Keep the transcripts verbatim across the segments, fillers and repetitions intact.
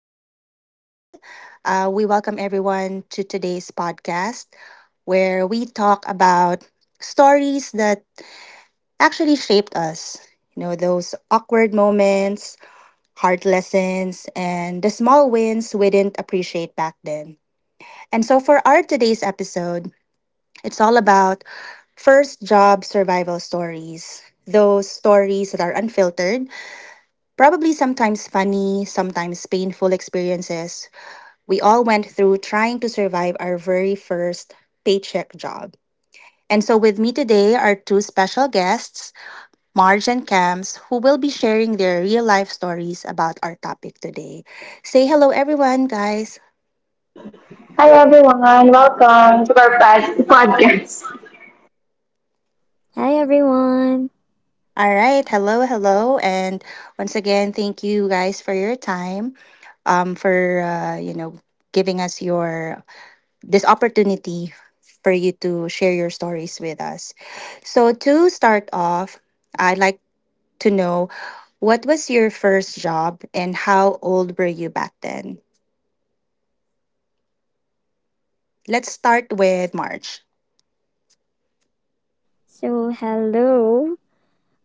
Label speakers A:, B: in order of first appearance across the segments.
A: my name is Ruby. Uh, we welcome everyone to today's podcast where we talk about stories that actually shaped us. You know, those awkward moments, hard lessons, and the small wins we didn't appreciate back then. And so, for our today's episode, it's all about first job survival stories. Those stories that are unfiltered, probably sometimes funny, sometimes painful experiences. We all went through trying to survive our very first paycheck job. And so, with me today are two special guests, Marge and Cams, who will be sharing their real life stories about our topic today. Say hello, everyone, guys.
B: Hi everyone, welcome to our pod- podcast.
C: Hi everyone.
A: All right. Hello, hello. And once again, thank you guys for your time, um, for, uh, you know, giving us your this opportunity for you to share your stories with us. So to start off, I'd like to know, what was your first job and how old were you back then? Let's start with March.
C: So hello.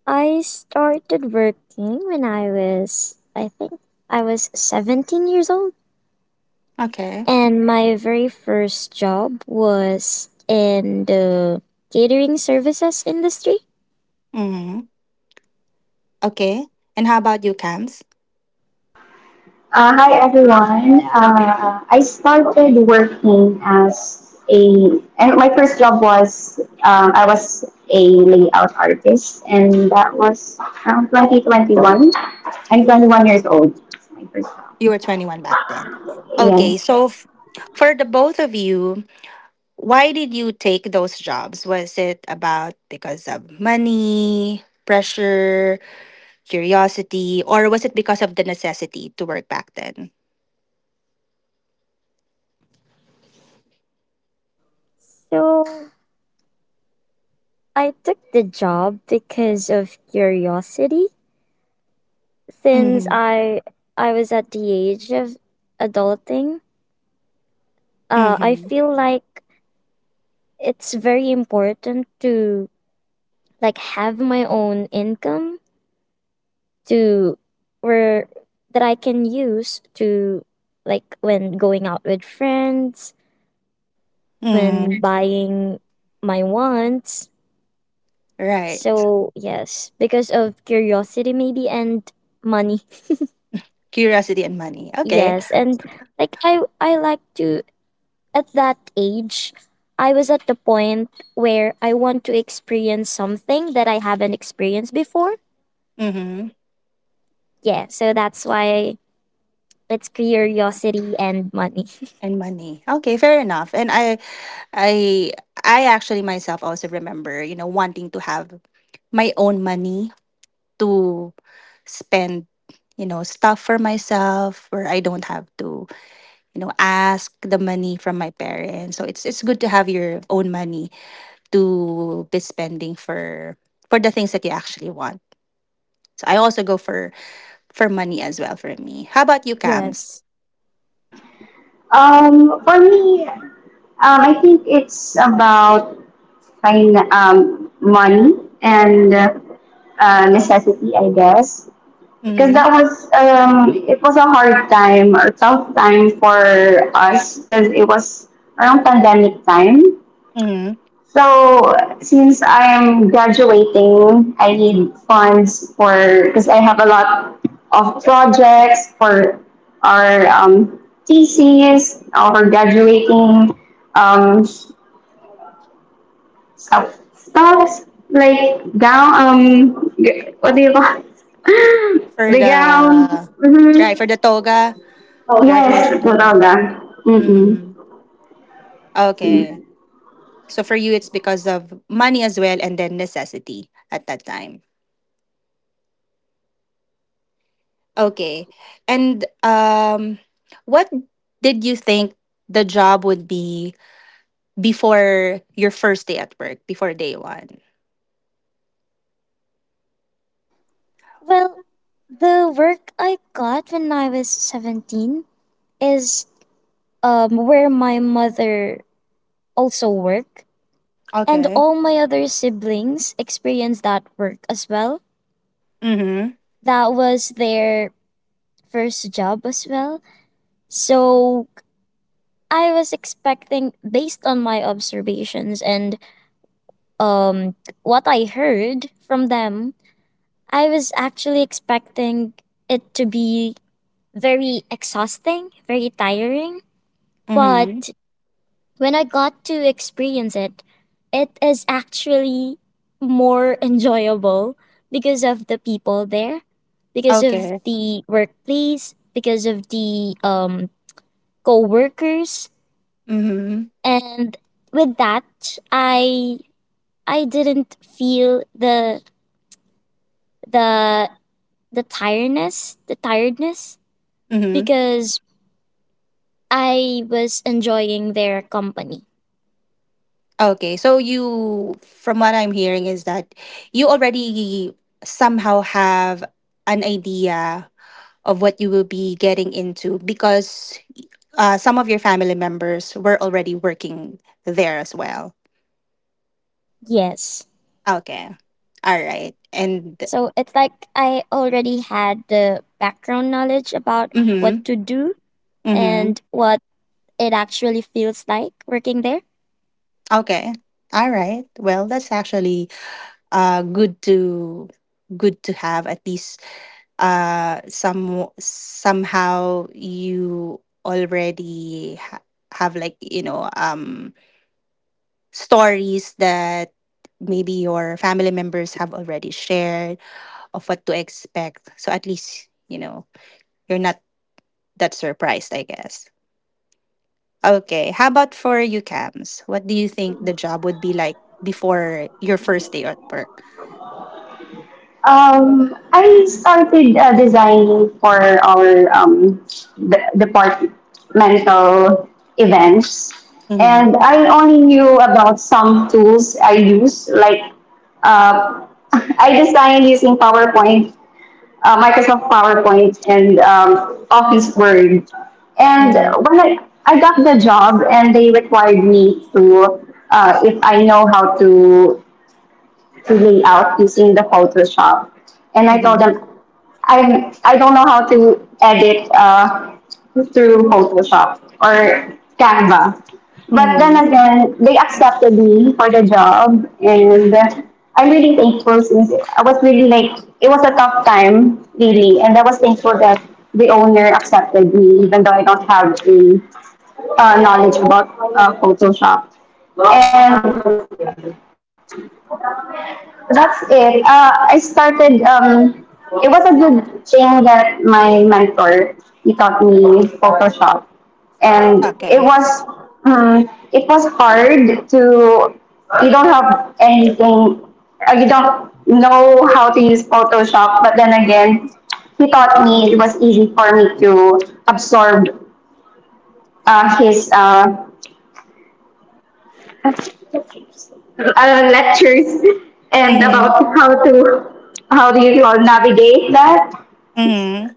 C: I started working when I was I think I was seventeen years old,
A: Okay.
C: and my very first job was in the catering services industry.
A: Mm-hmm. Okay. And how about you, Cams?
B: Uh, hi everyone. Uh, I started working as a, and my first job was um, I was a layout artist, and that was around twenty twenty-one. I'm twenty-one years old. It's my first
A: You were
B: job.
A: twenty-one back then. Okay.
B: Yes.
A: So, f- for the both of you, why did you take those jobs? Was it about because of money, pressure, curiosity, or was it because of the necessity to work back then?
C: So I took the job because of curiosity since
A: Mm-hmm.
C: I I was at the age of adulting. Uh I
A: Mm-hmm.
C: feel like it's very important to, like, have my own income to where that I can use to, like, when going out with friends, when
A: Mm-hmm.
C: buying my wants.
A: Right.
C: So, yes, because of curiosity maybe and money.
A: Curiosity and money. Okay.
C: Yes, and like I I like to, at that age, I was at the point where I want to experience something that I haven't experienced before.
A: Mm-hmm.
C: Yeah, so that's why. It's curiosity and money.
A: And money. Okay, fair enough. And I I I actually myself also remember, you know, wanting to have my own money to spend, you know, stuff for myself where I don't have to, you know, ask the money from my parents. So it's it's good to have your own money to be spending for for the things that you actually want. So I also go for for money as well for me. How about you, Cams?
C: Yes.
B: Um, for me, um, I think it's about fin- um, money and uh, necessity, I guess. Because that
A: Hmm.
B: was um It was a hard time or tough time for us because it was around pandemic time.
A: Hmm.
B: So since I am graduating, I need funds for because I have a lot of projects for our um, thesis, our graduating um, stuff, stuff like gown um g- what do you call it?
A: For
B: The gown.
A: the right,
B: Mm-hmm.
A: for the toga,
B: Oh,
A: graduation
B: yes,
A: toga.
B: Mataga. Mm-mm.
A: Mm. Okay. So for you it's because of money as well and then necessity at that time. Okay. And um what did you think the job would be before your first day at work, before day one?
C: Well, the work I got when I was seventeen is, um, where my mother also worked, and
A: Okay.
C: all my other siblings experienced that work as well.
A: Mhm.
C: That was their first job as well. So I was expecting, based on my observations and, um, what I heard from them, I was actually expecting it to be very exhausting, very tiring.
A: Mhm.
C: But when I got to experience it, it is actually more enjoyable because of the people there, because of
A: Okay.
C: the workplace, because of the, um, co workers.
A: Mhm.
C: And with that, I I didn't feel the the the tiredness, the tiredness
A: Mhm.
C: because I was enjoying their company.
A: Okay, so you, from what I'm hearing, is that you already somehow have an idea of what you will be getting into because uh, some of your family members were already working there as well.
C: Yes.
A: Okay, all right, and
C: So it's like I already had the background knowledge about what
A: mm-hmm,
C: to do
A: mm-hmm.
C: and what it actually feels like working there.
A: Okay, all right. Well, that's actually uh good to good to have at least uh some somehow you already ha- have, like, you know um stories that maybe your family members have already shared of what to expect, so at least, you know, you're not that surprised, I guess. Okay, how about for you, Cams, what do you think the job would be like before your first day at work?
B: Um, I started uh, designing for our um, de- departmental events,
A: Mm-hmm,
B: and I only knew about some tools I use. Like, uh, I designed using PowerPoint, uh, Microsoft PowerPoint, and um, Office Word. And
A: mm-hmm,
B: when I, I got the job, and they required me to, uh, if I know how to to lay out using the Photoshop. And I told
A: mm-hmm,
B: them, I I don't know how to edit uh, through Photoshop or Canva. But
A: mm-hmm,
B: then again, they accepted me for the job,
A: mm-hmm.
B: and I'm really thankful since I was really like it was a tough time really, and I was thankful that the owner accepted me even though I don't have a uh, knowledge about uh, Photoshop. And that's it. Uh, I started. Um, it was a good thing that my mentor he taught me Photoshop, and it
A: Okay.
B: was um, it was hard to. You don't have anything. Uh, you don't know how to use Photoshop, but then again, he taught me. It was easy for me to absorb uh, his uh, uh, lectures and
A: Mm-hmm,
B: about how to how do you all navigate that.
A: mm-hmm.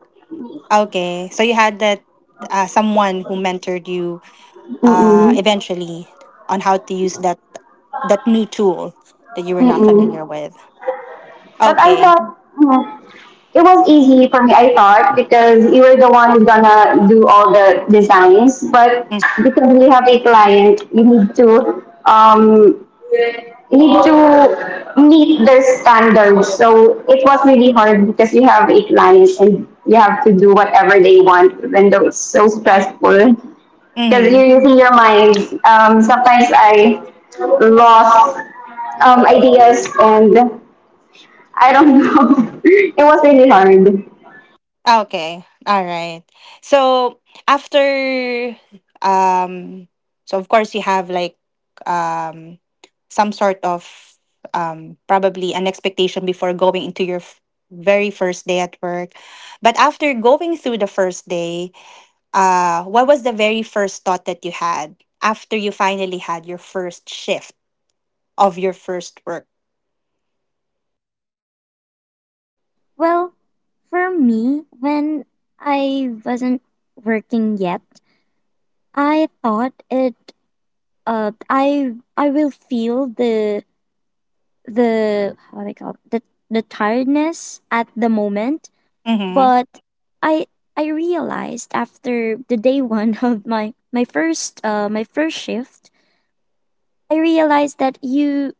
A: Okay, so you had that uh, someone who mentored you
B: Mm-mm.
A: uh, eventually on how to use that that new tool that you were not
B: Mm-mm.
A: familiar with.
B: But I
A: Okay.
B: thought mm, it was easy for me. I thought because you were the one who's gonna do all the designs, but
A: mm,
B: because we have a client, you need to um need to meet their standards. So it was really hard because you have eight clients and you have to do whatever they want, even though it's so stressful. Because
A: Mm-hmm.
B: you're using your mind. Um, sometimes I lost um, ideas and I don't know. It was really hard.
A: Okay. All right. So after um so of course you have like um some sort of um probably an expectation before going into your f- very first day at work. But after going through the first day, uh, what was the very first thought that you had after you finally had your first shift of your first work?
C: Well, for me, when I wasn't working yet, I thought it uh I I will feel the the how do they call it? the the tiredness at the moment.
A: Mm-hmm.
C: But I I realized after the day one of my my first uh my first shift. I realized that you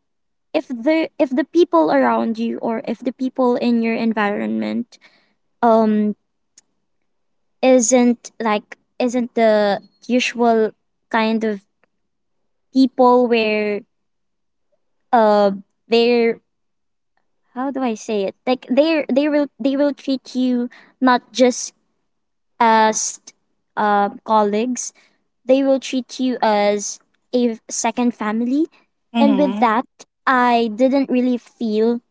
C: if the if the people around you, or if the people in your environment, um isn't, like, isn't the usual kind of people where, uh they're, how do I say it, like, they're, they will they will treat you not just as, uh, colleagues. They will treat you as a second family, and with
A: Mm-hmm.
C: that, I didn't really feel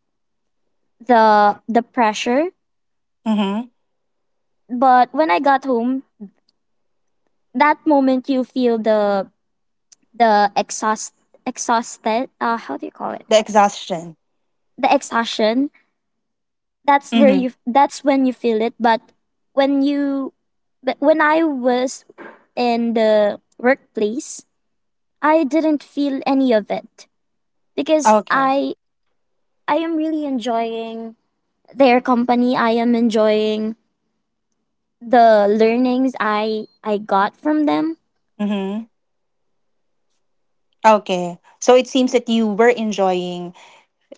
C: the the pressure.
A: Mm-hmm.
C: But when I got home, that moment you feel the the exhaust exhausted. Uh, how do you call it?
A: The exhaustion.
C: The exhaustion. That's where
A: Mm-hmm.
C: you. That's when you feel it. But when you, but when I was in the workplace, I didn't feel any of it because
A: Okay.
C: I I am really enjoying their company. I am enjoying the learnings I I got from them.
A: Mm-hmm. Okay. So it seems that you were enjoying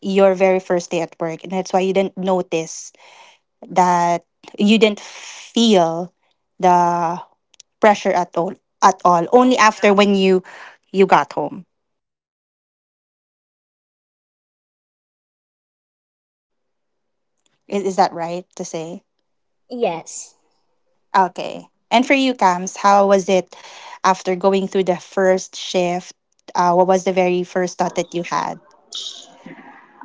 A: your very first day at work, and that's why you didn't notice that you didn't feel the pressure at all. At all. Only after when you you got home. Is, is that right to say?
C: Yes.
A: Okay. And for you, Cams, how was it after going through the first shift? Uh, what was the very first thought that you had?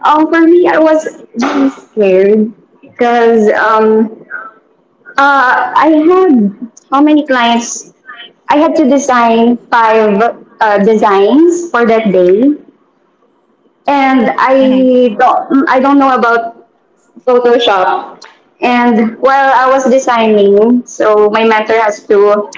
B: Um, for me, I was really scared because um, Uh, I had how many clients? I had to design five uh, designs for that day, and
A: Mm-hmm.
B: I don't I don't know about Photoshop. And while I was designing, so my mentor has to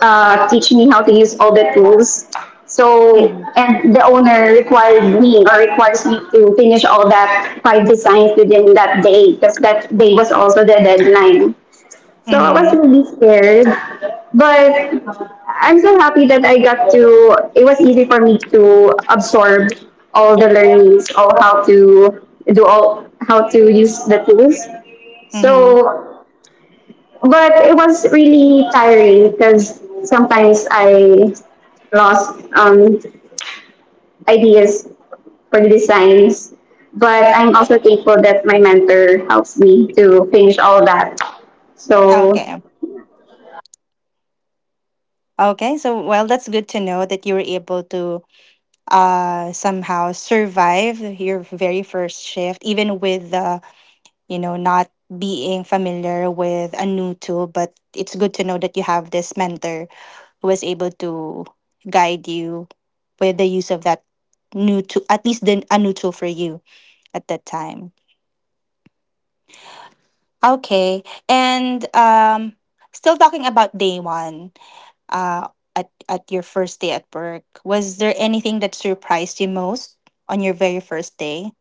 B: uh, teach me how to use all the tools. So
A: Mm-hmm.
B: and the owner required me or requires me to finish all that five designs within that day because that day was also the deadline. So I was
A: Mm-hmm.
B: really scared, but I'm so happy that I got to. It was easy for me to absorb all the learnings, all how to do all how to use the tools.
A: Mm-hmm.
B: So, but it was really tiring because sometimes I lost um, ideas for the designs. But I'm also thankful that my mentor helps me to finish all that. So
A: Okay. Okay. So, well, that's good to know that you were able to uh, somehow survive your very first shift, even with the, you know, not being familiar with a new tool. But it's good to know that you have this mentor who was able to guide you with the use of that new tool, at least the, a new tool for you at that time. Okay, and um, still talking about day one, uh, at at your first day at work, was there anything that surprised you most on your very first day?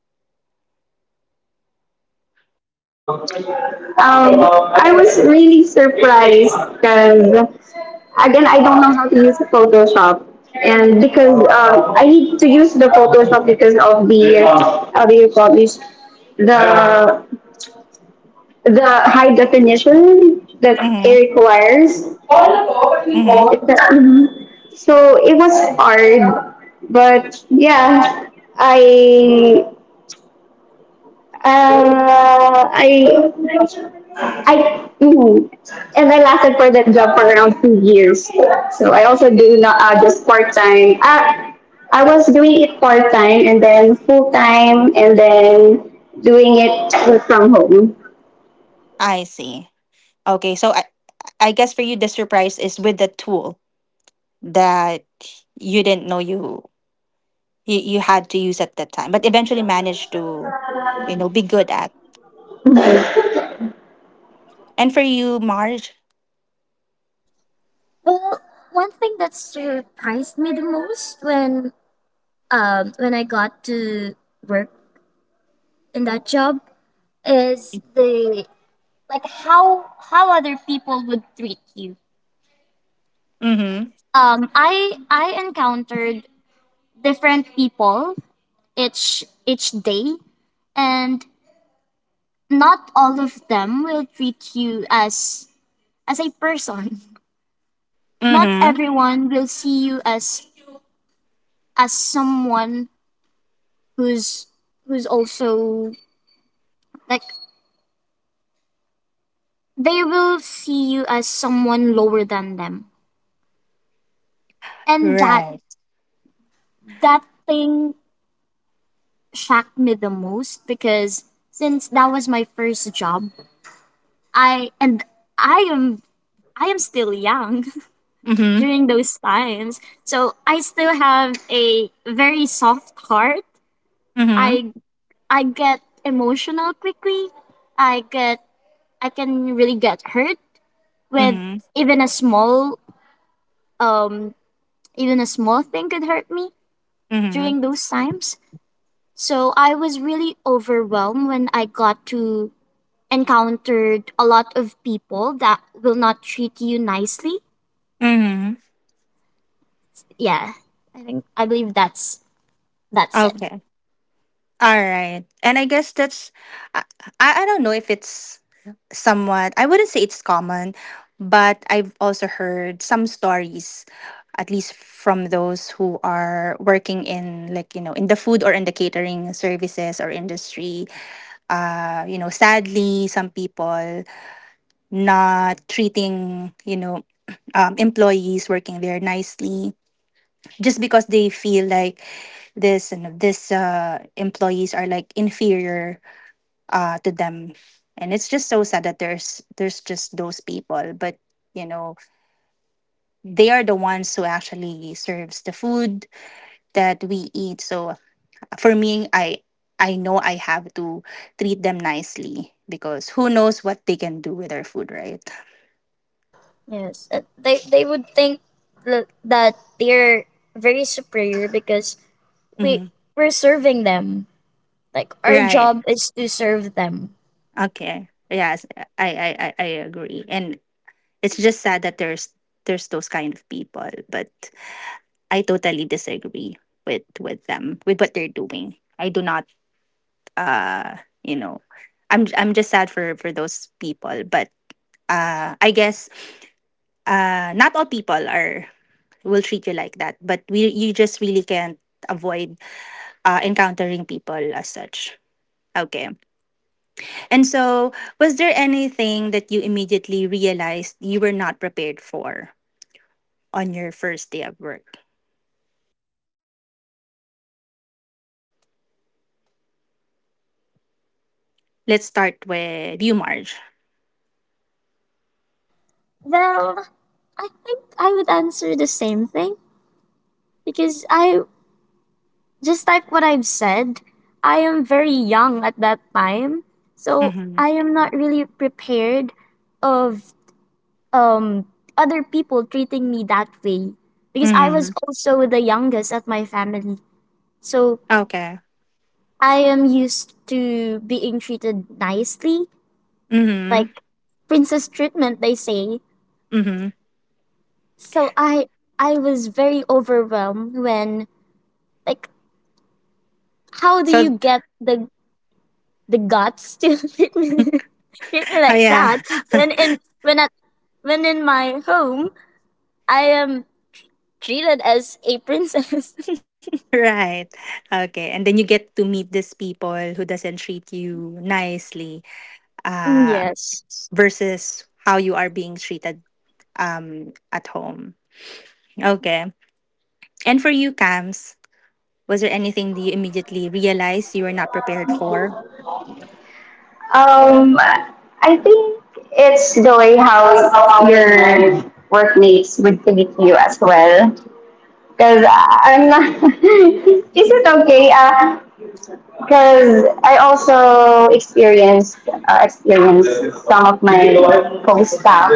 B: Um, I was really surprised because, again, I don't know how to use Photoshop. And because uh, I need to use the Photoshop because of the, uh, how do you call this, the, the high definition that it
A: Mm-hmm.
B: requires. It's
A: Mm-hmm.
B: a- mm-hmm. So it was hard, but yeah, I uh, I I mm, and I lasted for that job for around two years. So I also do not uh, just part time. I I was doing it part time and then full time and then doing it work from home.
A: I see. Okay, so I I guess for you the surprise is with the tool that you didn't know you you, you had to use at that time, but eventually managed to, you know, be good at. And for you, Marge?
C: Well, one thing that surprised me the most when um when I got to work in that job is the like how how other people would treat you.
A: Mm-hmm.
C: Um I I encountered different people each each day, and not all of them will treat you as as a person. Not
A: Mm-hmm.
C: everyone will see you as as someone who's who's also. Like, they will see you as someone lower than them. And that
A: Right.
C: that thing shocked me the most because since that was my first job, I and I am I am still young
A: Mm-hmm.
C: during those times. So I still have a very soft heart.
A: Mm-hmm.
C: I I get emotional quickly. I get I can really get hurt with
A: Mm-hmm.
C: even a small um even a small thing could hurt me.
A: Mm-hmm.
C: During those times. So I was really overwhelmed when I got to encountered a lot of people that will not treat you nicely.
A: Mm-hmm.
C: Yeah, I think I believe that's that's it.
A: Okay. All right. And I guess that's I, I I don't know if it's somewhat, I wouldn't say it's common, but I've also heard some stories, at least from those who are working in, like, you know, in the food or in the catering services or industry. Uh, you know, sadly, some people not treating, you know, um, employees working there nicely just because they feel like this and this uh, employees are like inferior uh, to them. And it's just so sad that there's there's just those people, but you know, they are the ones who actually serves the food that we eat. So for me, i I know I have to treat them nicely because who knows what they can do with our food, right?
C: Yes, uh, they they would think l- that they're very superior because we
A: Hmm.
C: we're serving them. Like our
A: Right.
C: job is to serve them.
A: Okay, yes. I, I i i agree, and it's just sad that there's there's those kind of people, but I totally disagree with with them, with what they're doing. I do not uh you know i'm j- I'm just sad for for those people, but uh I guess uh not all people are will treat you like that. But we, you just really can't avoid uh, encountering people as such. Okay. And so, was there anything that you immediately realized you were not prepared for on your first day of work? Let's start with you, Marge.
C: Well, I think I would answer the same thing because I, just like what I've said, I am very young at that time. So
A: Mm-hmm.
C: I am not really prepared of um other people treating me that way because I was
A: Mm-hmm.
C: also the youngest at my family. So
A: Okay.
C: I am used to being treated nicely,
A: Mm-hmm.
C: like princess treatment they say.
A: Mm-hmm.
C: So I I was very overwhelmed when, like, how do
A: So,
C: you get the the guts to treat me, treat me
A: oh,
C: like
A: yeah,
C: that when in when at when in my home I am treated as a princess.
A: right. Okay. And then you get to meet these people who doesn't treat you nicely, uh,
C: Yes.
A: versus how you are being treated um, at home. Okay. And for you, Cams, was there anything that you immediately realized you were not prepared for?
B: Um, I think it's the way how your workmates would treat you as well. Because I'm not. Is it okay? Uh, because I also experienced uh, experienced some of my co-staff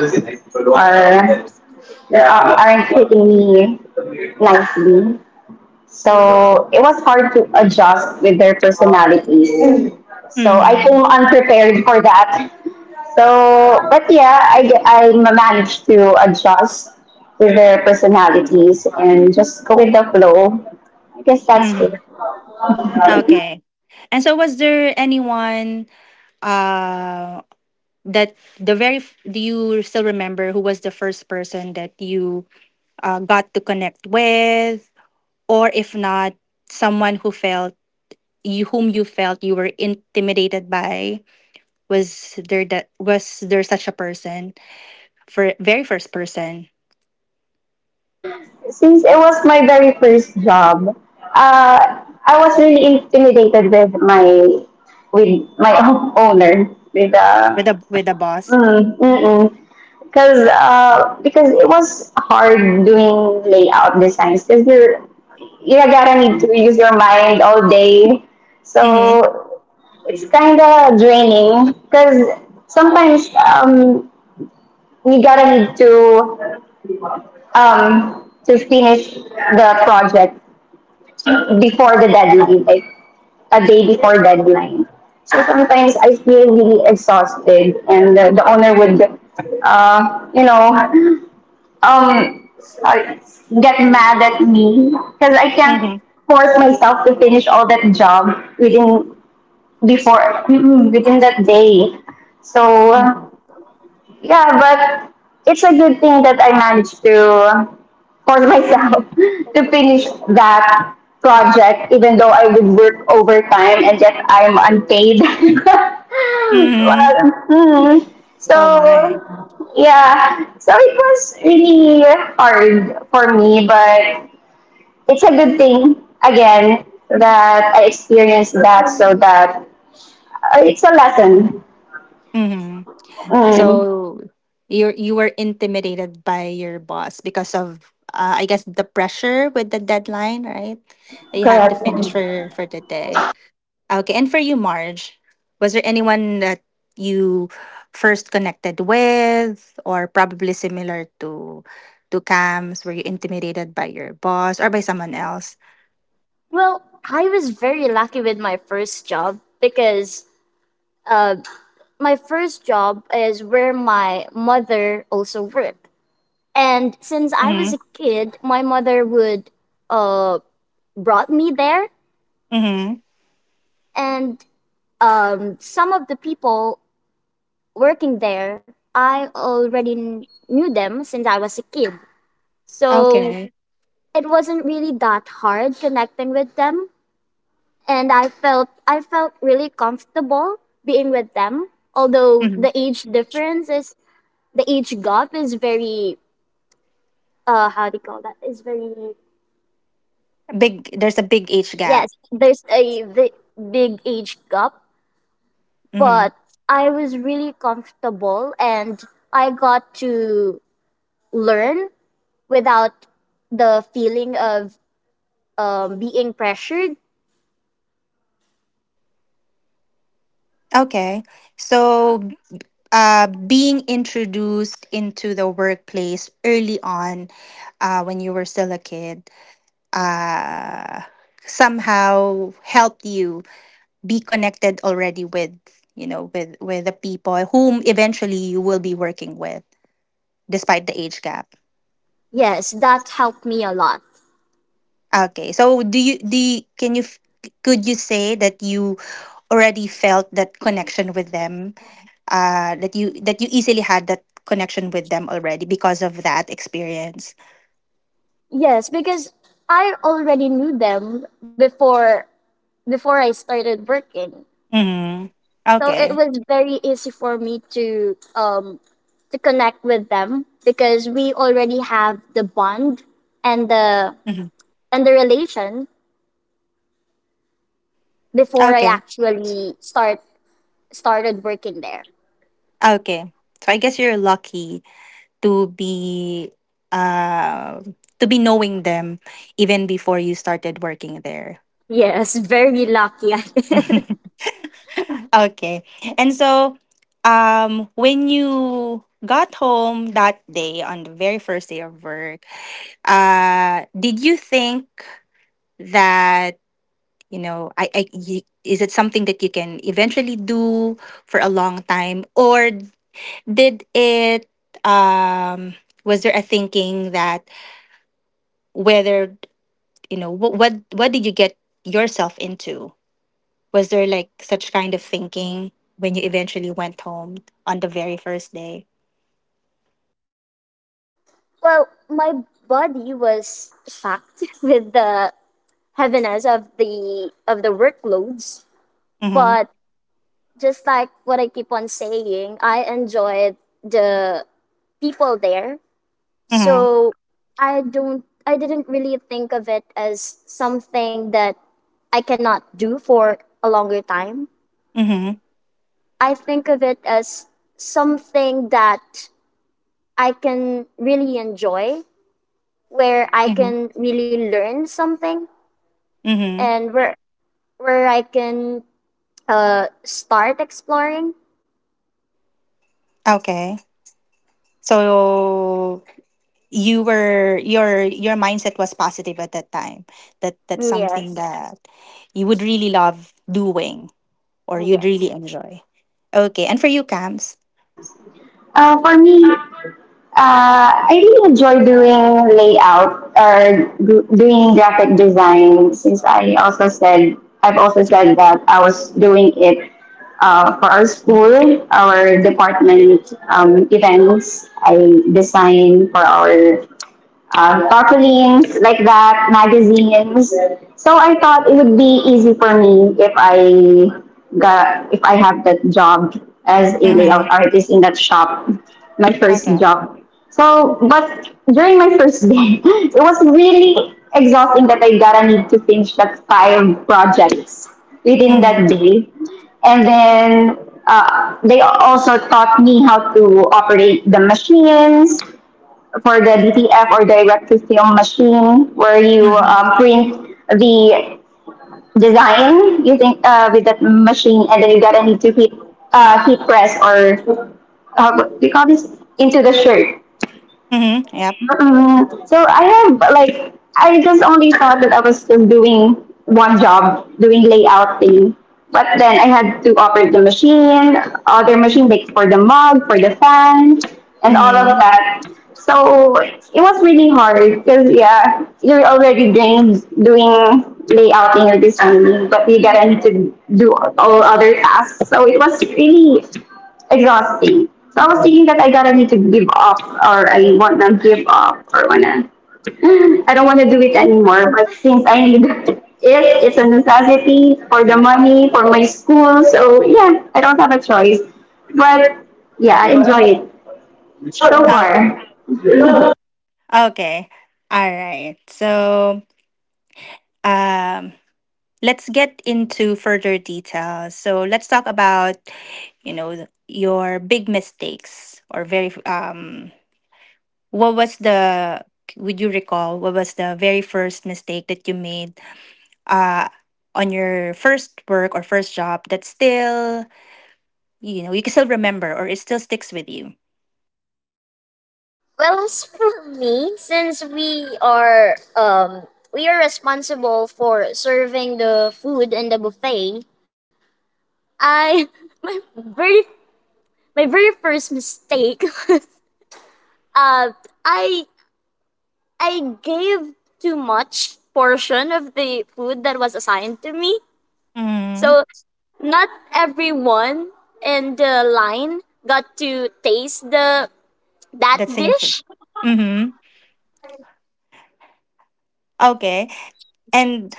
B: are uh, aren't taking me nicely. So it was hard to adjust with their personalities. So I
A: Mm-hmm.
B: came unprepared for that. So, but yeah, I, ge- I managed to adjust with their personalities and just go with the flow. I guess that's
A: Mm-hmm.
B: it.
A: Okay. And so was there anyone uh that the very f- do you still remember who was the first person that you uh, got to connect with, or if not, someone who felt you whom you felt you were intimidated by? Was there, that was there such a person for very first person
B: Since it was my very first job, uh, I was really intimidated with my with my owner with uh,
A: with a with a boss.
B: mm, mm-mm. because uh, because it was hard doing layout designs because you're you gotta need to use your mind all day,
A: Mm-hmm.
B: so it's kind of draining because sometimes um, you gotta need to um, to finish the project before the deadline, like a day before deadline. So sometimes I feel really exhausted, and the, the owner would, uh, you know, um, uh, get mad at me because I can't
A: Mm-hmm.
B: force myself to finish all that job within before mm, within that day.
A: Mm-hmm.
B: So. Yeah, but it's a good thing that I managed to force myself to finish that project, even though I would work overtime and yet I'm unpaid.
A: Mm-hmm.
B: Well, hmm.
A: Oh my.
B: So, yeah. So it was really hard for me, but it's a good thing, again, that I experienced that so that uh, it's a lesson.
A: Mm-hmm. So
B: Mm,
A: you you were intimidated by your boss because of, uh, I guess, the pressure with the deadline, right? That you had to
B: correct.
A: finish for for the day. Okay, and for you, Marge, was there anyone that you first connected with, or probably similar to to Cam's? Were you intimidated by your boss or by someone else?
C: Well, I was very lucky with my first job because, uh, my first job is where my mother also worked. And since I was
A: Mm-hmm.
C: a kid, my mother would, uh, brought me there,
A: Mm-hmm.
C: and, um, some of the people working there, I already kn- knew them since I was a kid. So
A: Okay.
C: it wasn't really that hard connecting with them, and I felt I felt really comfortable being with them. Although
A: Mm-hmm.
C: the age difference is the age gap is very, uh how do you call that? Is very.
A: Big. There's a big age gap.
C: Yes, there's a vi- big age gap,
A: Mm-hmm.
C: but I was really comfortable, and I got to learn without the feeling of, um, being pressured.
A: Okay. So, uh, being introduced into the workplace early on, uh, when you were still a kid, uh, somehow helped you be connected already with, you know, with with the people whom eventually you will be working with, despite the age gap.
C: Yes, that helped me a lot.
A: Okay. So do you do you, can you f- could you say that you already felt that connection with them? Uh that you, that you easily had that connection with them already because of that experience.
C: Yes, because I already knew them before before I started working.
A: Mhm.
C: So it
A: Okay.
C: was very easy for me to, um, to connect with them because we already have the bond and the
A: Mhm.
C: and the relation before I
A: Okay.
C: actually start started working there.
A: Okay. So I guess you're lucky to be uh to be knowing them even before you started working there.
C: Yes, very lucky.
A: Okay. And so, um, when you got home that day on the very first day of work, uh, did you think that, you know, I, I, y- is it something that you can eventually do for a long time? Or did it, um, was there a thinking that whether, you know, what, what, what did you get yourself into? Was there like such kind of thinking when you eventually went home on the very first day?
C: Well, my body was shocked with the heaviness of the of the workloads,
A: Mhm.
C: but just like what I keep on saying, I enjoyed the people there.
A: Mhm.
C: So I don't I didn't really think of it as something that I cannot do for a longer time.
A: Mhm.
C: I think of it as something that I can really enjoy, where I
A: Mhm.
C: can really learn something
A: Mhm.
C: and where where I can uh start exploring.
A: Okay. So you were your your mindset was positive at that time. That that's something
C: Yes.
A: that you would really love doing or you'd really
C: Yes.
A: enjoy. Okay. And for you, Camps?
B: Uh, for me, Uh, I really enjoy doing layout or g- doing graphic design since I also said I've also said that I was doing it uh, for our school, our department um, events. I design for our um, tarpaulins like that, magazines. So I thought it would be easy for me if I got if I have that job as a layout
A: Mhm.
B: artist in that shop, my first
A: Okay.
B: job. So, but during my first day, it was really exhausting that I gotta need to finish that five projects within
A: Mhm.
B: that day. And then uh, they also taught me how to operate the machines, for the D T F or direct to film machine where you
A: Mhm.
B: um, print the design using uh, with that machine and then you gotta need to heat uh, heat press or uh, what do you call this into the shirt.
A: Mhm. Yep.
B: Hmm. So I have like I just only thought that I was just doing one job, doing layout thing. But then I had to operate the machine, other machine like for the mug, for the fan, and all of
A: Mhm.
B: that. So it was really hard because yeah, you're already doing doing layouting or designing, but you get into do all other tasks. So it was really exhausting. So I was thinking that I gotta need to give up or I want to give up or wanna I don't want to do it anymore. But since I need it, it's a necessity for the money for my school. So yeah, I don't have a choice. But yeah, I enjoy it so
A: Oh,
B: far.
A: okay. All right. So, um let's get into further detail. So let's talk about, you know, the- your big mistakes or very f- um what was the would you recall what was the very first mistake that you made uh on your first work or first job that still, you know, you can still remember or it still sticks with you?
C: Well, as for me, since we are um we are responsible for serving the food in the buffet, I my very my very first mistake uh I I gave too much portion of the food that was assigned to me.
A: Mm.
C: So not everyone in the line got to taste the that
A: That same food.
C: dish.
A: Mm-hmm. Okay. And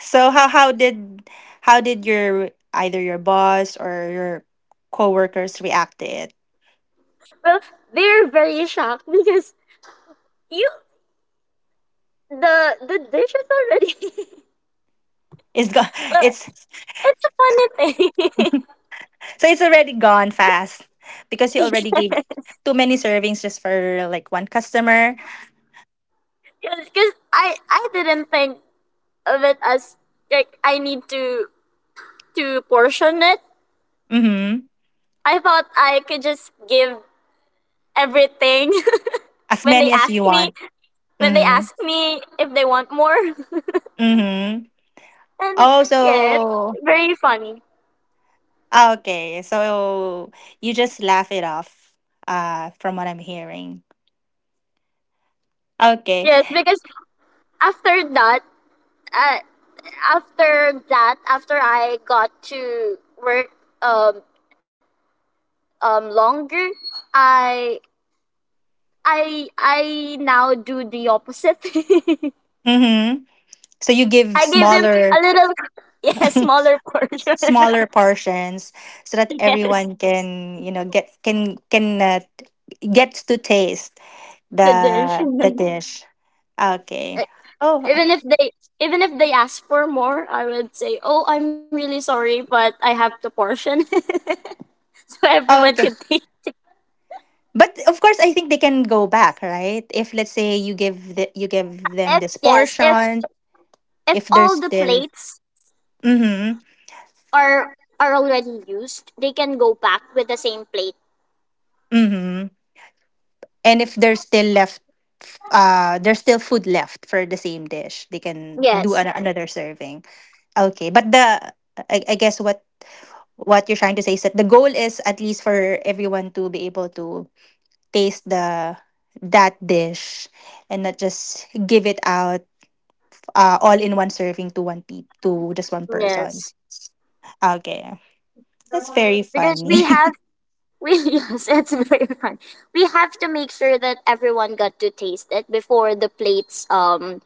A: so how how did how did your either your boss or your coworkers react to it?
C: Well, they're very shocked because you the the dish is already
A: It's go-
C: well,
A: it's
C: it's a funny thing.
A: so it's already gone fast because you already gave too many servings just for like one customer.
C: Because I I didn't think of it as, like, I need to to portion it.
A: Mhm.
C: I thought I could just give everything
A: As
C: when they
A: many as
C: ask
A: you
C: me
A: want.
C: when they
A: Mhm.
C: ask me if they want more.
A: Mhm.
C: And
A: Oh,
C: yes,
A: so,
C: very funny.
A: okay. So you just laugh it off uh from what I'm hearing. Okay.
C: Yes, because after that, uh, after that, after I got to work um um longer, I I I now do the opposite.
A: Mhm. So you give
C: I gave them a
A: smaller.
C: little yes, smaller portion.
A: Smaller portions so that
C: Yes,
A: everyone can, you know get, can can uh, gets to taste
C: the dish.
A: the the dish. Okay. Oh.
C: even if they even if they ask for more, I would say, "Oh, I'm really sorry, but I have the portion." So everyone could
A: Okay,
C: taste.
A: but of course I think they can go back, right? If let's say you give the, you give them
C: If,
A: this
C: yes, if
A: portion,
C: if
A: if there's
C: all the
A: still —
C: plates
A: mm-hmm,
C: are are already used, they can go back with the same plate.
A: mm-hmm — and if there's still left, uh there's still food left for the same dish, they can do an,
C: Yes.
A: another serving. Okay, but the — I, I guess what what you're trying to say is that the goal is at least for everyone to be able to taste the that dish, and not just give it out, uh, all in one serving to one pe- to just one person.
C: Yes.
A: Okay, that's very
C: Because we
A: funny.
C: have we yes, it's very fun. We have to make sure that everyone got to taste it before the plates um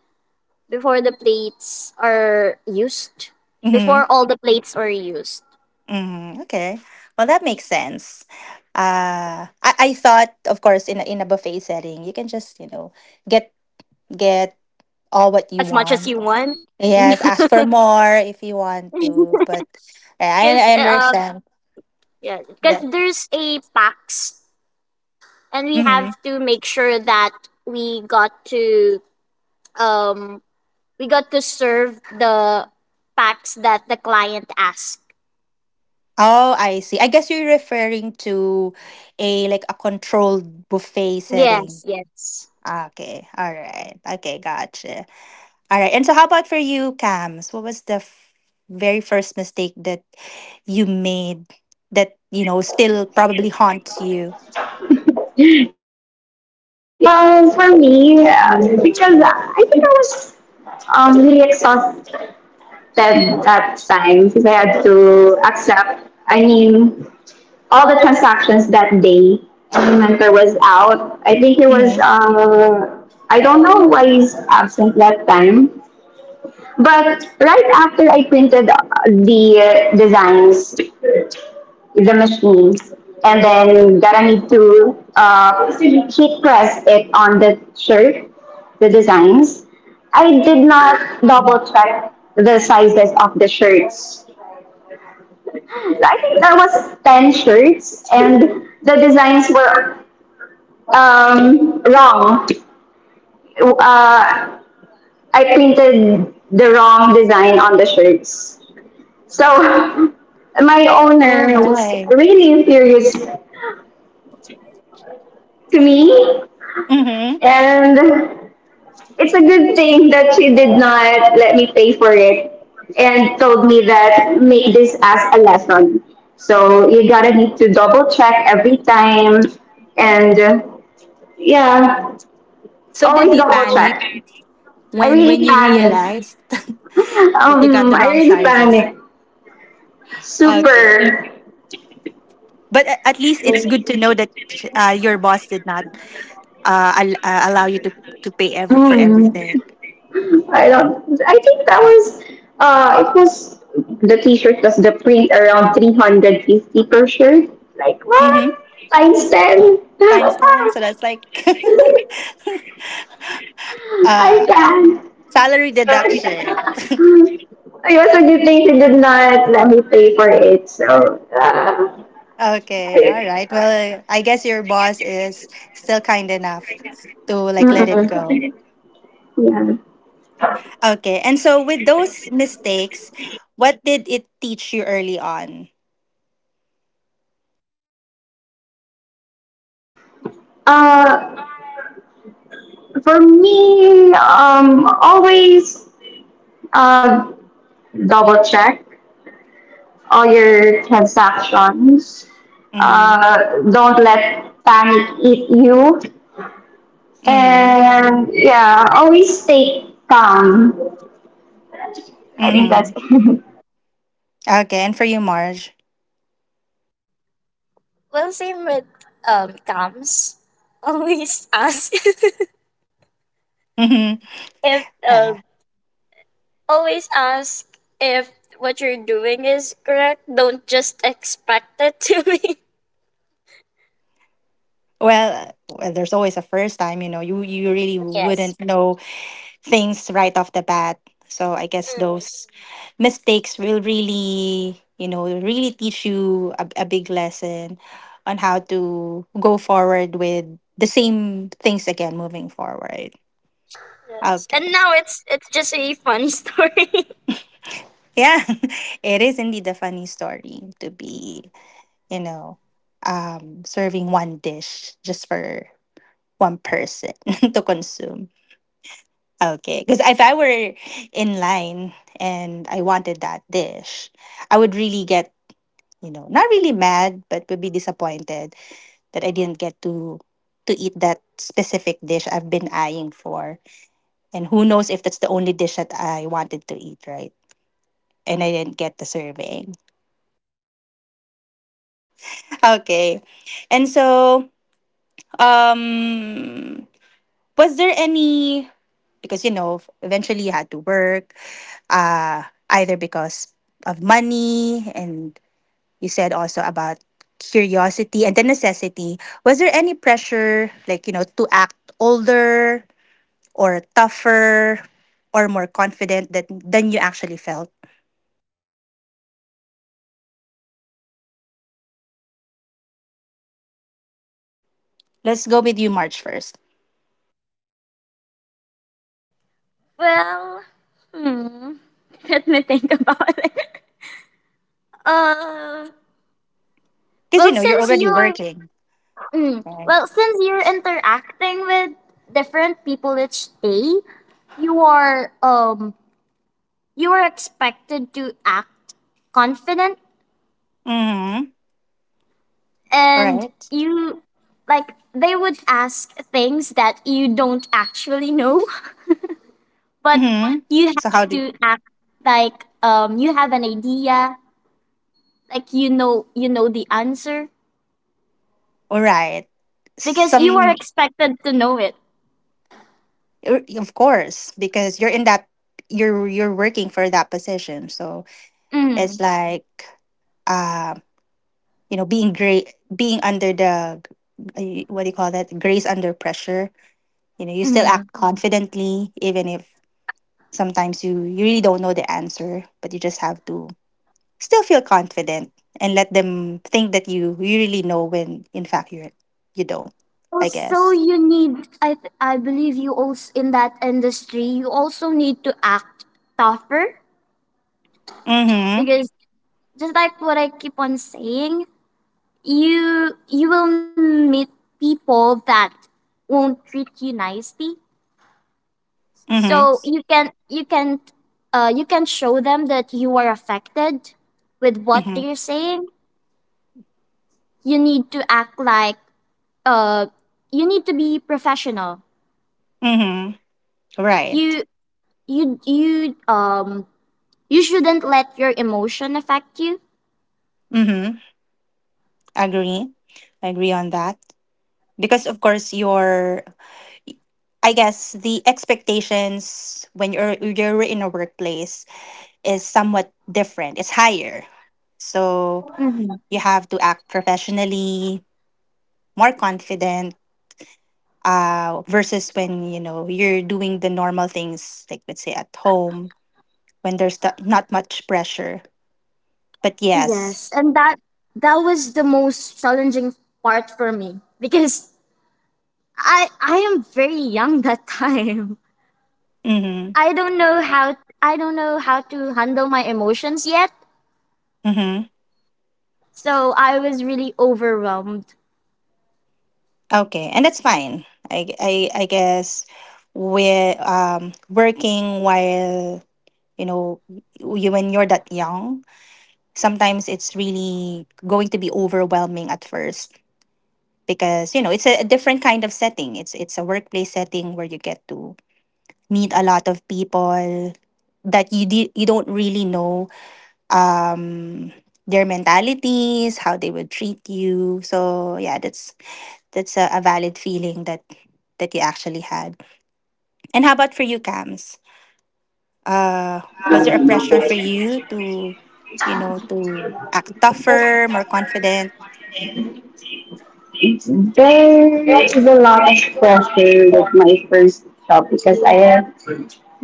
C: before the plates are used.
A: Hmm.
C: Before all the plates are used.
A: Hmm. Okay, well that makes sense. Uh, I I thought, of course, in a, in a buffet setting you can just, you know get get all what you
C: As much as
A: want.
C: you want.
A: Yes, ask for more if you want to, but yeah,
C: Because
A: I I
C: um
A: understand.
C: yeah, because
A: That.
C: there's a PAX, and we have
A: Hmm.
C: to make sure that we got to um we got to serve the packs that the client asked.
A: Oh, I see. I guess you're referring to a, like, a controlled buffet setting.
C: Yes, yes.
A: Okay. All right. Okay, gotcha. All right. And so how about for you, Cams? What was the f- very first mistake that you made that, you know, still probably haunts you?
B: Yeah. Uh, for me, um, because I think I was um, really exhausted that time because I had to accept. I mean, all the transactions that day. My mentor was out. I think he was,
A: Mm-hmm.
B: uh, I don't know why he's absent that time. But right after I printed uh, the uh, designs, the machines, and then that I need to uh, heat press it on the shirt, the designs, I did not double check the sizes of the shirts. I think there was ten shirts and the designs were Um, wrong. Uh, I printed the wrong design on the shirts. So my
A: Oh
B: owner was
A: my.
B: really furious to me,
A: Mm-hmm.
B: and it's a good thing that she did not let me pay for it and told me that make this as a lesson. So you gotta need to double check every time, and uh, yeah,
A: So did
B: always
A: you
B: double
A: panic
B: check. I
A: when when
B: really
A: you
B: panicked
A: realized that you got
B: Um,
A: the
B: I
A: wrong
B: really
A: sizes?
B: panicked.
A: Okay.
B: Super.
A: But a- at least it's good to know that, uh, your boss did not, uh, al- uh, allow you to to pay every for
B: Mm,
A: everything.
B: I don't. I think that was. Uh, it was the T-shirt was the print around three hundred fifty per shirt. Like
A: Mm-hmm.
B: what? Times ten.
A: Times ten, so that's like
B: I
A: uh,
B: can't.
A: salary deduction.
B: Hmm. It was a good thing they did not let me pay for it. So. Uh,
A: Okay, all
B: I-
A: right. Well, I guess your boss is still kind enough to, like, let it go.
B: mm-mm. Yeah.
A: Okay, and so with those mistakes, what did it teach you early on?
B: Uh, for me, um, always uh, double check all your transactions.
A: Mm-hmm.
B: Uh, don't let panic eat you.
A: Mm-hmm.
B: And yeah, always stay calm. I think that's
A: Mm-hmm.
B: it.
A: Okay, and for you, Marge.
C: Well, same with um Tams. Always ask if
A: Mm-hmm.
C: um always ask if what you're doing is correct. Don't just expect it to be.
A: Well, well, there's always a first time, you know. You you really wouldn't
C: Yes.
A: know things right off the bat. So I guess
C: Mm,
A: those mistakes will really, you know, really teach you a, a big lesson on how to go forward with the same things again moving forward.
C: yes.
A: Okay.
C: And now it's it's just a funny story.
A: Yeah. It is indeed a funny story to be, you know, um serving one dish just for one person to consume. Okay, because if I were in line and I wanted that dish, I would really get, you know, not really mad, but would be disappointed that I didn't get to to eat that specific dish I've been eyeing for. And who knows if that's the only dish that I wanted to eat, right? And I didn't get the serving. Okay. And so, um was there any — because you know eventually you had to work, uh either because of money, and you said also about curiosity and the necessity — was there any pressure, like, you know, to act older or tougher or more confident that, than you actually felt? Let's go with you, March, first,
C: Well, hmm. Let me think about it. Uh,
A: because you
C: well,
A: know you're
C: since
A: already
C: you're
A: working,
C: mm,
A: right?
C: well, since you're interacting with different people each day, you are um you are expected to act confident.
A: Mm-hmm. All
C: And
A: right.
C: you, like, they would ask things that you don't actually know, but
A: Mm-hmm.
C: you
A: So how
C: have
A: did —
C: to act like um you have an idea, like you know you know the answer
A: all right,
C: because you are
A: some —
C: expected to know it.
A: Er, of course, because you're in that — you're you're working for that position. So
C: Mm.
A: it's like, uh, you know, being great, being under the — uh, what do you call that? Grace under pressure. You know, you still
C: Mm.
A: act confidently even if sometimes you you really don't know the answer, but you just have to still feel confident and let them think that you you really know when in fact you you don't, I
C: Also,
A: guess.
C: you need. I th- I believe you also, in that industry, you also need to act tougher
A: Mhm.
C: because, just like what I keep on saying, you you will meet people that won't treat you nicely.
A: Mhm.
C: So you can you can uh, you can show them that you are affected with what
A: Mhm.
C: they're saying. You need to act like uh you need to be professional.
A: Mhm. Right.
C: You you you um you shouldn't let your emotion affect you.
A: Mm-hmm. Agree. I agree on that. Because of course your — I guess the expectations when you're you're in a workplace is somewhat different. It's higher. So
C: Mhm.
A: you have to act professionally, more confident, uh, versus when you know you're doing the normal things, like let's say at home when there's th- not much pressure. But yes,
C: Yes, and that that was the most challenging part for me because i i am very young that time.
A: mm-hmm,
C: I don't know how i don't know how to handle my emotions yet.
A: mm-hmm.
C: So I was really overwhelmed.
A: Okay, and that's fine. I I I guess we're, um working while you know, you when you're that young, sometimes it's really going to be overwhelming at first because you know it's a, a different kind of setting. It's it's a workplace setting where you get to meet a lot of people that you di- you don't really know, um their mentalities, how they would treat you. So yeah, that's that's a, a valid feeling that that you actually had. And how about for you, Cams? Uh, was there a pressure for you to, you know, to act tougher, more confident?
B: There is a lot of pressure with my first job because I have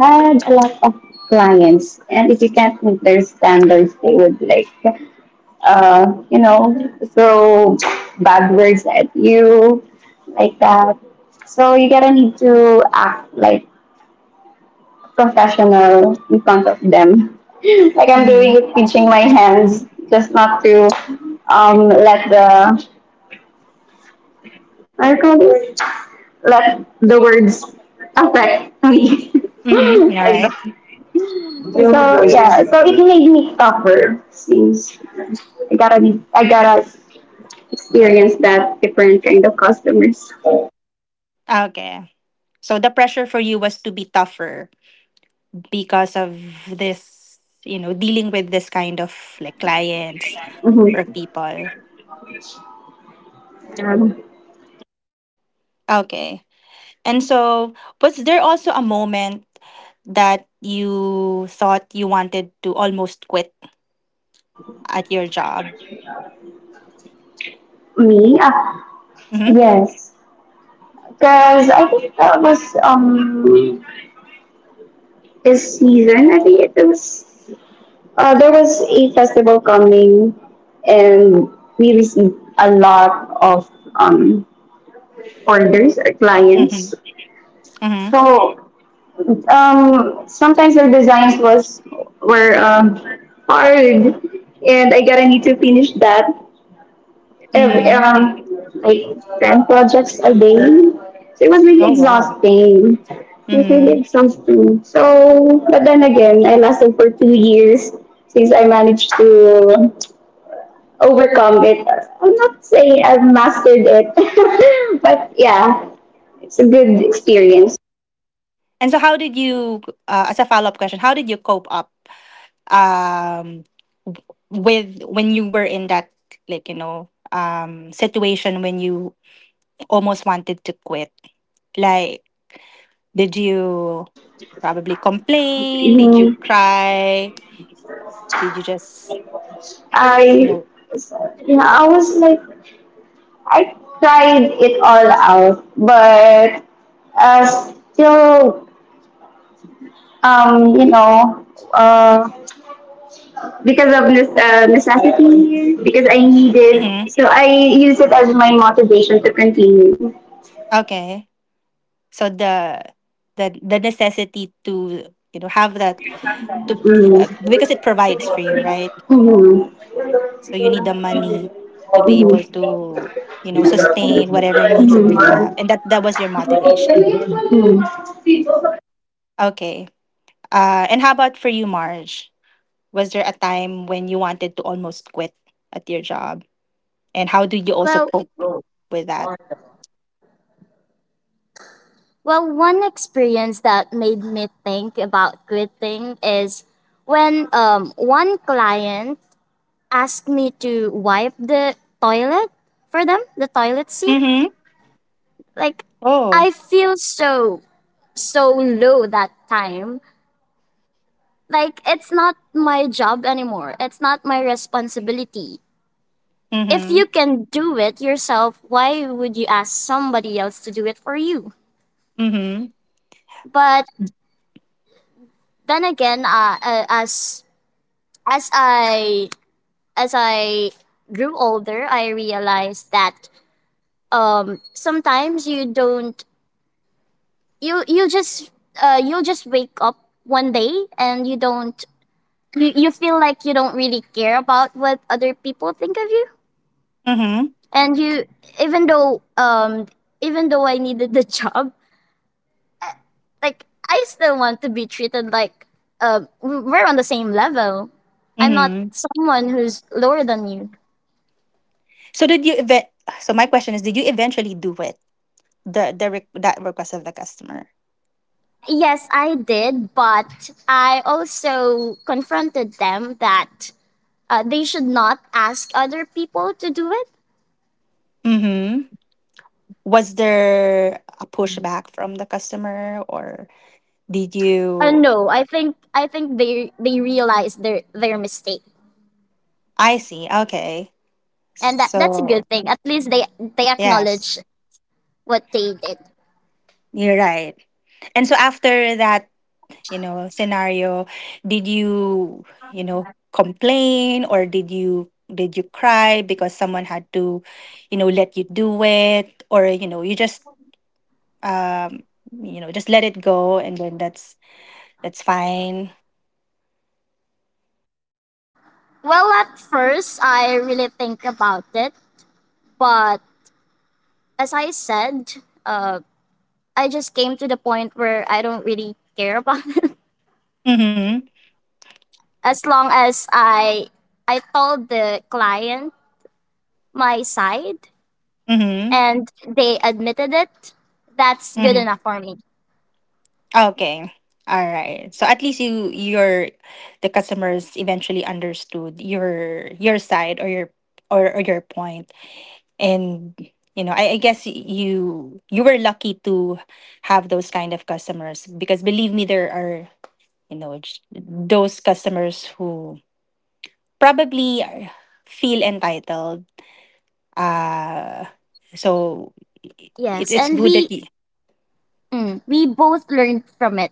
B: had a lot of clients, and if you can't meet their standards, they would like uh, you know, throw bad words at you, like that. So you gotta need to act like professional in front of them. Like I'm
A: Mm-hmm.
B: doing it, pinching my hands, just not to um, let the what call this? Let the words affect me.
A: Mm-hmm. All
B: Like
A: right.
B: that. So yeah, so it made me tougher since I gotta be, I gotta experience that different kind of customers.
A: Okay. So the pressure for you was to be tougher because of this, you know, dealing with this kind of, like, clients or
B: Mhm.
A: people.
B: Um,
A: Okay. And so was there also a moment that you thought you wanted to almost quit at your job.
B: me, Ah,
A: Mhm.
B: yes, because I think that was um this season. I think it was uh, there was a festival coming, and we received a lot of um orders or
A: Mhm.
B: clients.
A: Mhm.
B: So um sometimes their designs was were um hard, and I gotta need to finish that every
A: Mhm.
B: um like ten projects a day. So it was really
A: Oh wow.
B: exhausting. It was really
A: Mhm.
B: exhausting. So but then again I lasted for two years since I managed to overcome it. I'm not saying I've mastered it. But yeah, it's a good experience.
A: And so how did you — uh, as a follow-up question, how did you cope up, um w- with — when you were in that, like, you know, um situation when you almost wanted to quit? Like, did you probably complain? Did you
B: Mm,
A: cry? Did you just, you
B: I
A: know?
B: yeah, I was like I tried it all out but uh, still um, you know, uh, because of this uh, necessity, because I need it.
A: Mhm.
B: So I use it as my motivation to continue.
A: Okay. So the the the necessity to, you know have that, to f-
B: Mm.
A: uh, because it provides for you, right?
B: Mm.
A: So you need the money to be able to, you know, sustain whatever needs that you
B: Mm.
A: have, and that that was your motivation.
B: Mm.
A: Okay. Uh, and how about for you, Marge? Was there a time when you wanted to almost quit at your job, and how do you also
C: Well,
A: cope with that?
C: Well, one experience that made me think about quitting is when, um, one client asked me to wipe the toilet for them, the toilet seat.
A: Mm-hmm.
C: Like,
A: Oh.
C: I feel so, so low that time. Like, it's not my job anymore, it's not my responsibility. If
A: Mm-hmm.
C: you can do it yourself, why would you ask somebody else to do it for you?
A: Mm-hmm.
C: But then again, uh, uh, as as I as I grew older, I realized that, um, sometimes you don't you you just uh, you'll just wake up one day, and you don't you, you feel like you don't really care about what other people think of you.
A: Mm-hmm.
C: And you even though um even though I needed the job, like, I still want to be treated like, uh, we're on the same level. I'm not
A: Mm-hmm.
C: someone who's lower than you.
A: So did you event? So my question is, did you eventually do it? The the re- that request of the customer.
C: Yes, I did, but I also confronted them that, uh, they should not ask other people to do it.
A: Mm-hmm. Was there a pushback from the customer, or did
C: Uh,
A: you —
C: no, I think I think they they realized their their mistake.
A: I see. Okay.
C: And that that's a
A: So,
C: good thing. At least they they
A: yes,
C: acknowledge what they did.
A: you're right. And so after that, you know, scenario, did you, you know complain, or did you did you cry because someone had to, you know, let you do it, or, you know you just, um you know, just let it go, and then that's that's fine.
C: Well, at first I really think about it, but as I said, uh, I just came to the point where I don't really care about it.
A: Mm-hmm.
C: As long as I I told the client my side
A: Mm-hmm.
C: and they admitted it, that's good
A: Mm-hmm.
C: enough for me.
A: Okay. All right. So at least you — your — the customers eventually understood your your side, or your, or, or your point. And you know, I, I guess you you were lucky to have those kind of customers because believe me there are, you know, j- those customers who probably are- feel entitled. Uh so it,
C: Yes,
A: it's
C: and
A: good
C: we
A: that you —
C: mm, we both learned from it.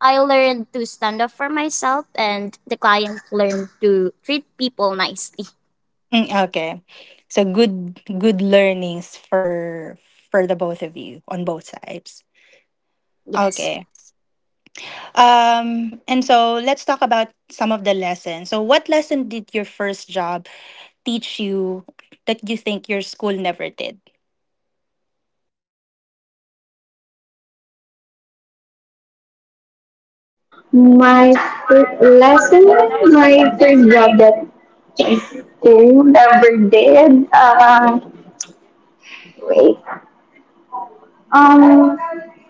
C: I learned to stand up for myself, and the client learned to treat people nicely.
A: Mm. Okay. So good good learnings for for the both of you, on both sides.
C: Yes.
A: Okay. Um and so let's talk about some of the lessons. So what lesson did your first job teach you that you think your school never did?
B: My first lesson, my first job that I still never did. Uh, wait. Um,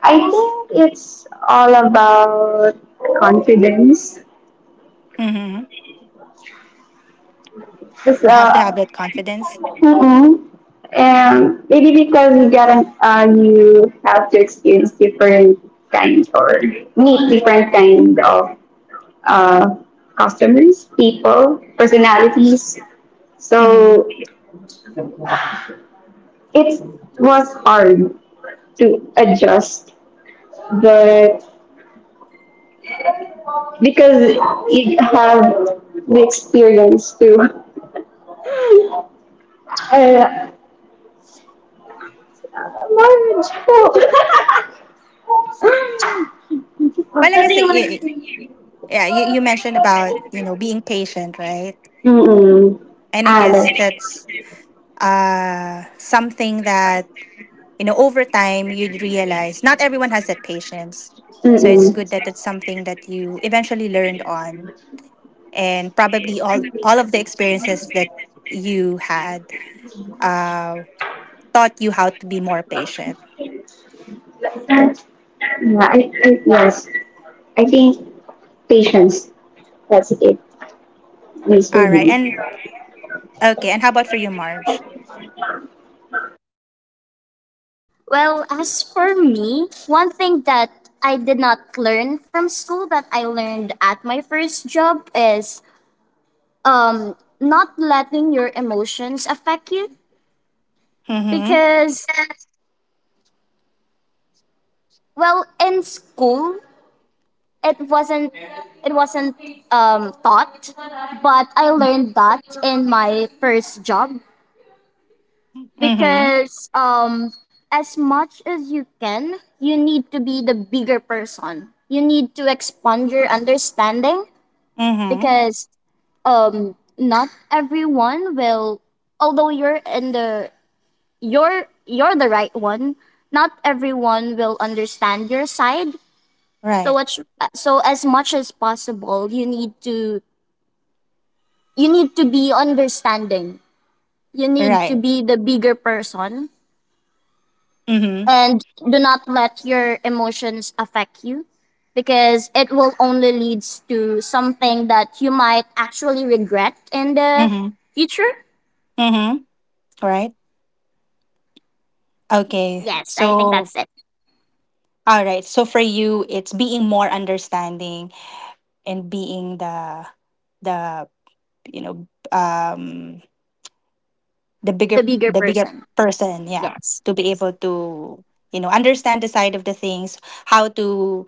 B: I think it's all about confidence.
A: Mhm.
B: It's
A: You have to have
B: uh,
A: that confidence.
B: Mm-hmm. And maybe because you gotta, uh, you have to experience different kinds or meet different kind of uh, customers, people, personalities.
A: Mhm.
B: So it was hard to adjust, but because you have the experience to uh, marriage.
A: Well, I guess, yeah, yeah, you, you mentioned about, you know, being patient, right?
B: Mm, mm.
A: And I
B: Ah, that's.
A: guess that's uh something that, you know, over time, you'd realize not everyone has that patience, so
B: Mm-mm.
A: it's good that it's something that you eventually learned on, and probably all all of the experiences that you had uh taught you how to be more patient.
B: Yeah, I, I, yes. I think patience. That's it. Needs to
A: All
B: be.
A: right, and okay, and how about for you, Marge?
C: Well, as for me, one thing that I did not learn from school that I learned at my first job is, um not letting your emotions affect you.
A: Mm-hmm.
C: Because, well, in school it wasn't, it wasn't um, taught, but I learned that in my first job.
A: Mm-hmm.
C: Because, um, as much as you can, you need to be the bigger person. You need to expand your understanding
A: Mm-hmm.
C: because, um, not everyone will, although you're in the you're you're the right one, not everyone will understand your side. So
A: Right.
C: much. So as much as possible, you need to you need to be understanding. You need to
A: Right.
C: be the bigger person,
A: Mm-hmm.
C: and do not let your emotions affect you because it will only leads to something that you might actually regret in the
A: Mm-hmm.
C: future.
A: Mm-hmm. Right. Okay,
C: Yes, I think
A: so —
C: that's it.
A: all right, so for you it's being more understanding and being the — the you know, um the
C: The
A: bigger —
C: bigger
A: the bigger
C: person.
A: person, yeah,
C: Yes.
A: to be able to, you know, understand the side of the things, how to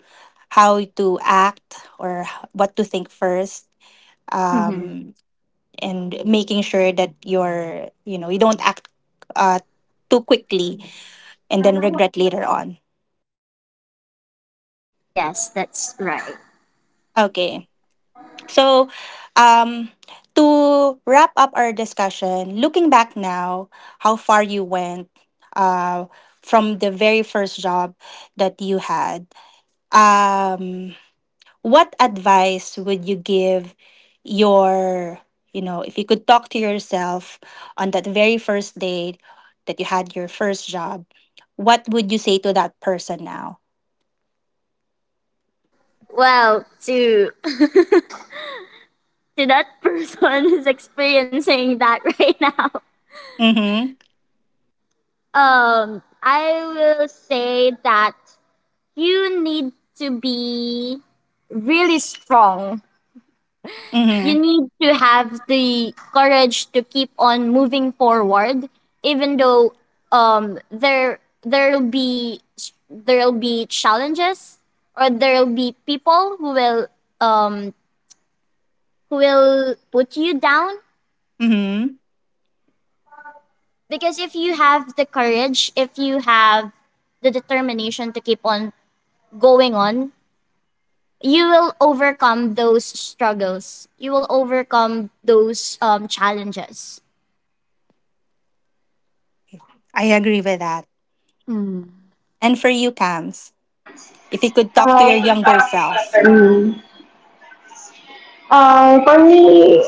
A: how to act, or h- what to think first,
C: Hmm.
A: um and making sure that you're, you know, you don't act, uh too quickly and then regret later on.
C: Yes, that's right.
A: Okay. So, um, to wrap up our discussion, looking back now, how far you went, uh, from the very first job that you had, um, what advice would you give your — you know, if you could talk to yourself on that very first day that you had your first job, what would you say to that person now?
C: Well, to to that person who's experiencing that right now.
A: Mm hmm.
C: Um, I will say that you need to be really strong.
A: Mm
C: You
A: hmm.
C: need to have the courage to keep on moving forward, even though, um, there there'll be there'll be challenges, or there'll be people who will, um, who will put you down.
A: Mm hmm.
C: Because if you have the courage, if you have the determination to keep on going on, you will overcome those struggles. You will overcome those, um, challenges.
A: I agree with that. And for you, Cams. If you could talk to
B: Uh,
A: your younger self.
B: Mm. Uh, for me,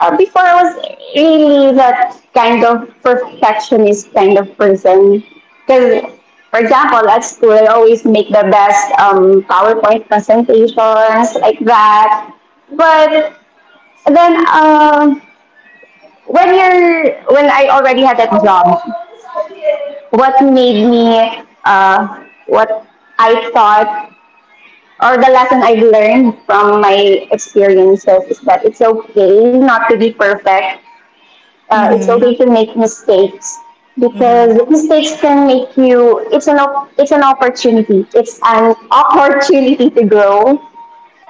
B: uh, before I was really that kind of perfectionist kind of person. Because, for example, at school, I always make the best um, PowerPoint presentations like that. But then, uh, when you're when I already had that job, what made me uh, what I thought or the lesson I've learned from my experiences is that it's okay not to be perfect. Uh, it's
A: Mm-hmm.
B: okay to make mistakes
A: Mm-hmm.
B: because mistakes can make you. It's an it's an opportunity. It's an opportunity to grow.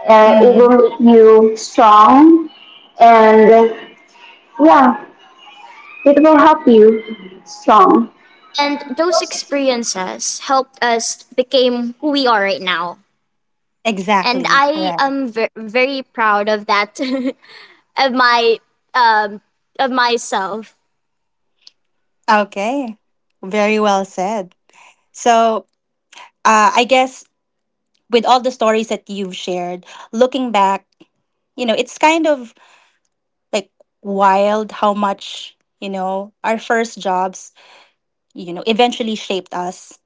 B: Uh, it
A: Mm-hmm.
B: will make you strong, and uh, yeah, it will help you strong.
C: And those experiences helped us become who we are right now. And
A: Exactly.
C: I
A: Right.
C: am ver- very proud of that, of my, um, of myself.
A: Okay. Very well said. So, uh, I guess, with all the stories that you've shared, looking back, you know, it's kind of, like, wild how much, you know, our first jobs, you know, eventually shaped us.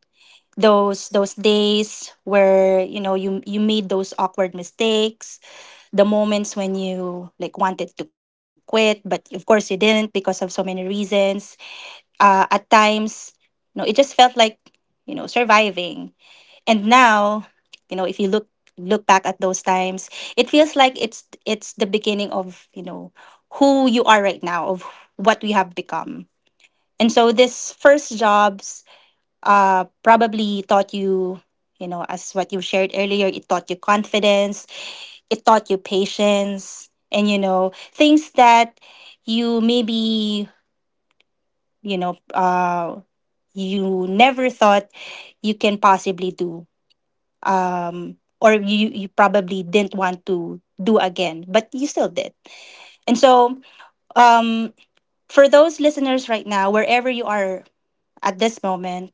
A: Those those days where, you know, you you made those awkward mistakes, the moments when you, like, wanted to quit, but of course you didn't because of so many reasons. Uh, at times, you know, it just felt like, you know, surviving, and now, you know, if you look look back at those times, it feels like it's it's the beginning of, you know, who you are right now, of what we have become. And so this first jobs uh probably taught you, you know, as what you shared earlier, it taught you confidence, it taught you patience, and, you know, things that you maybe, you know, uh you never thought you can possibly do, um or you you probably didn't want to do again, but you still did. And so, um for those listeners right now, wherever you are at this moment,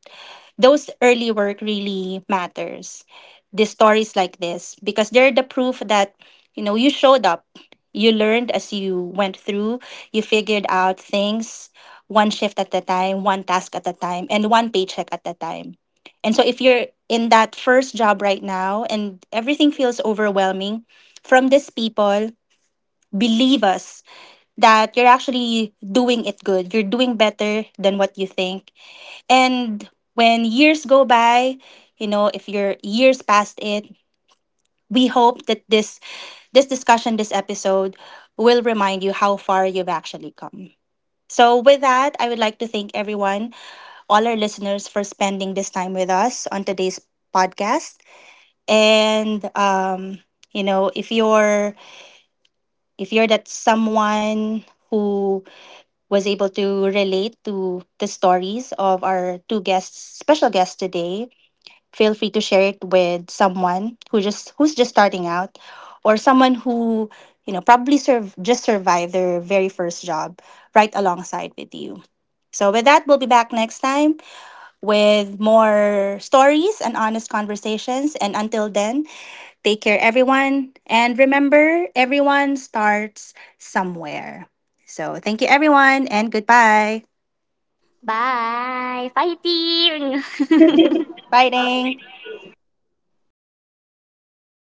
A: those early work really matters, the stories like this, because they're the proof that, you know, you showed up, you learned as you went through, you figured out things, one shift at a time, one task at a time, and one paycheck at a time. And so if you're in that first job right now and everything feels overwhelming, from these people, believe us that you're actually doing it good, you're doing better than what you think. And when years go by, you know, if your years past it, we hope that this this discussion, this episode will remind you how far you've actually come. So with that, I would like to thank everyone, all our listeners, for spending this time with us on today's podcast. And, um, you know, if you're if you're that someone who was able to relate to the stories of our two guests, special guests today, feel free to share it with someone who just who's just starting out, or someone who, you know, probably serve just survived their very first job right alongside with you. So with that, we'll be back next time with more stories and honest conversations, and until then, take care everyone, and remember everyone starts somewhere. So thank you everyone, and goodbye.
C: Bye, fighting.
A: Bye, ding.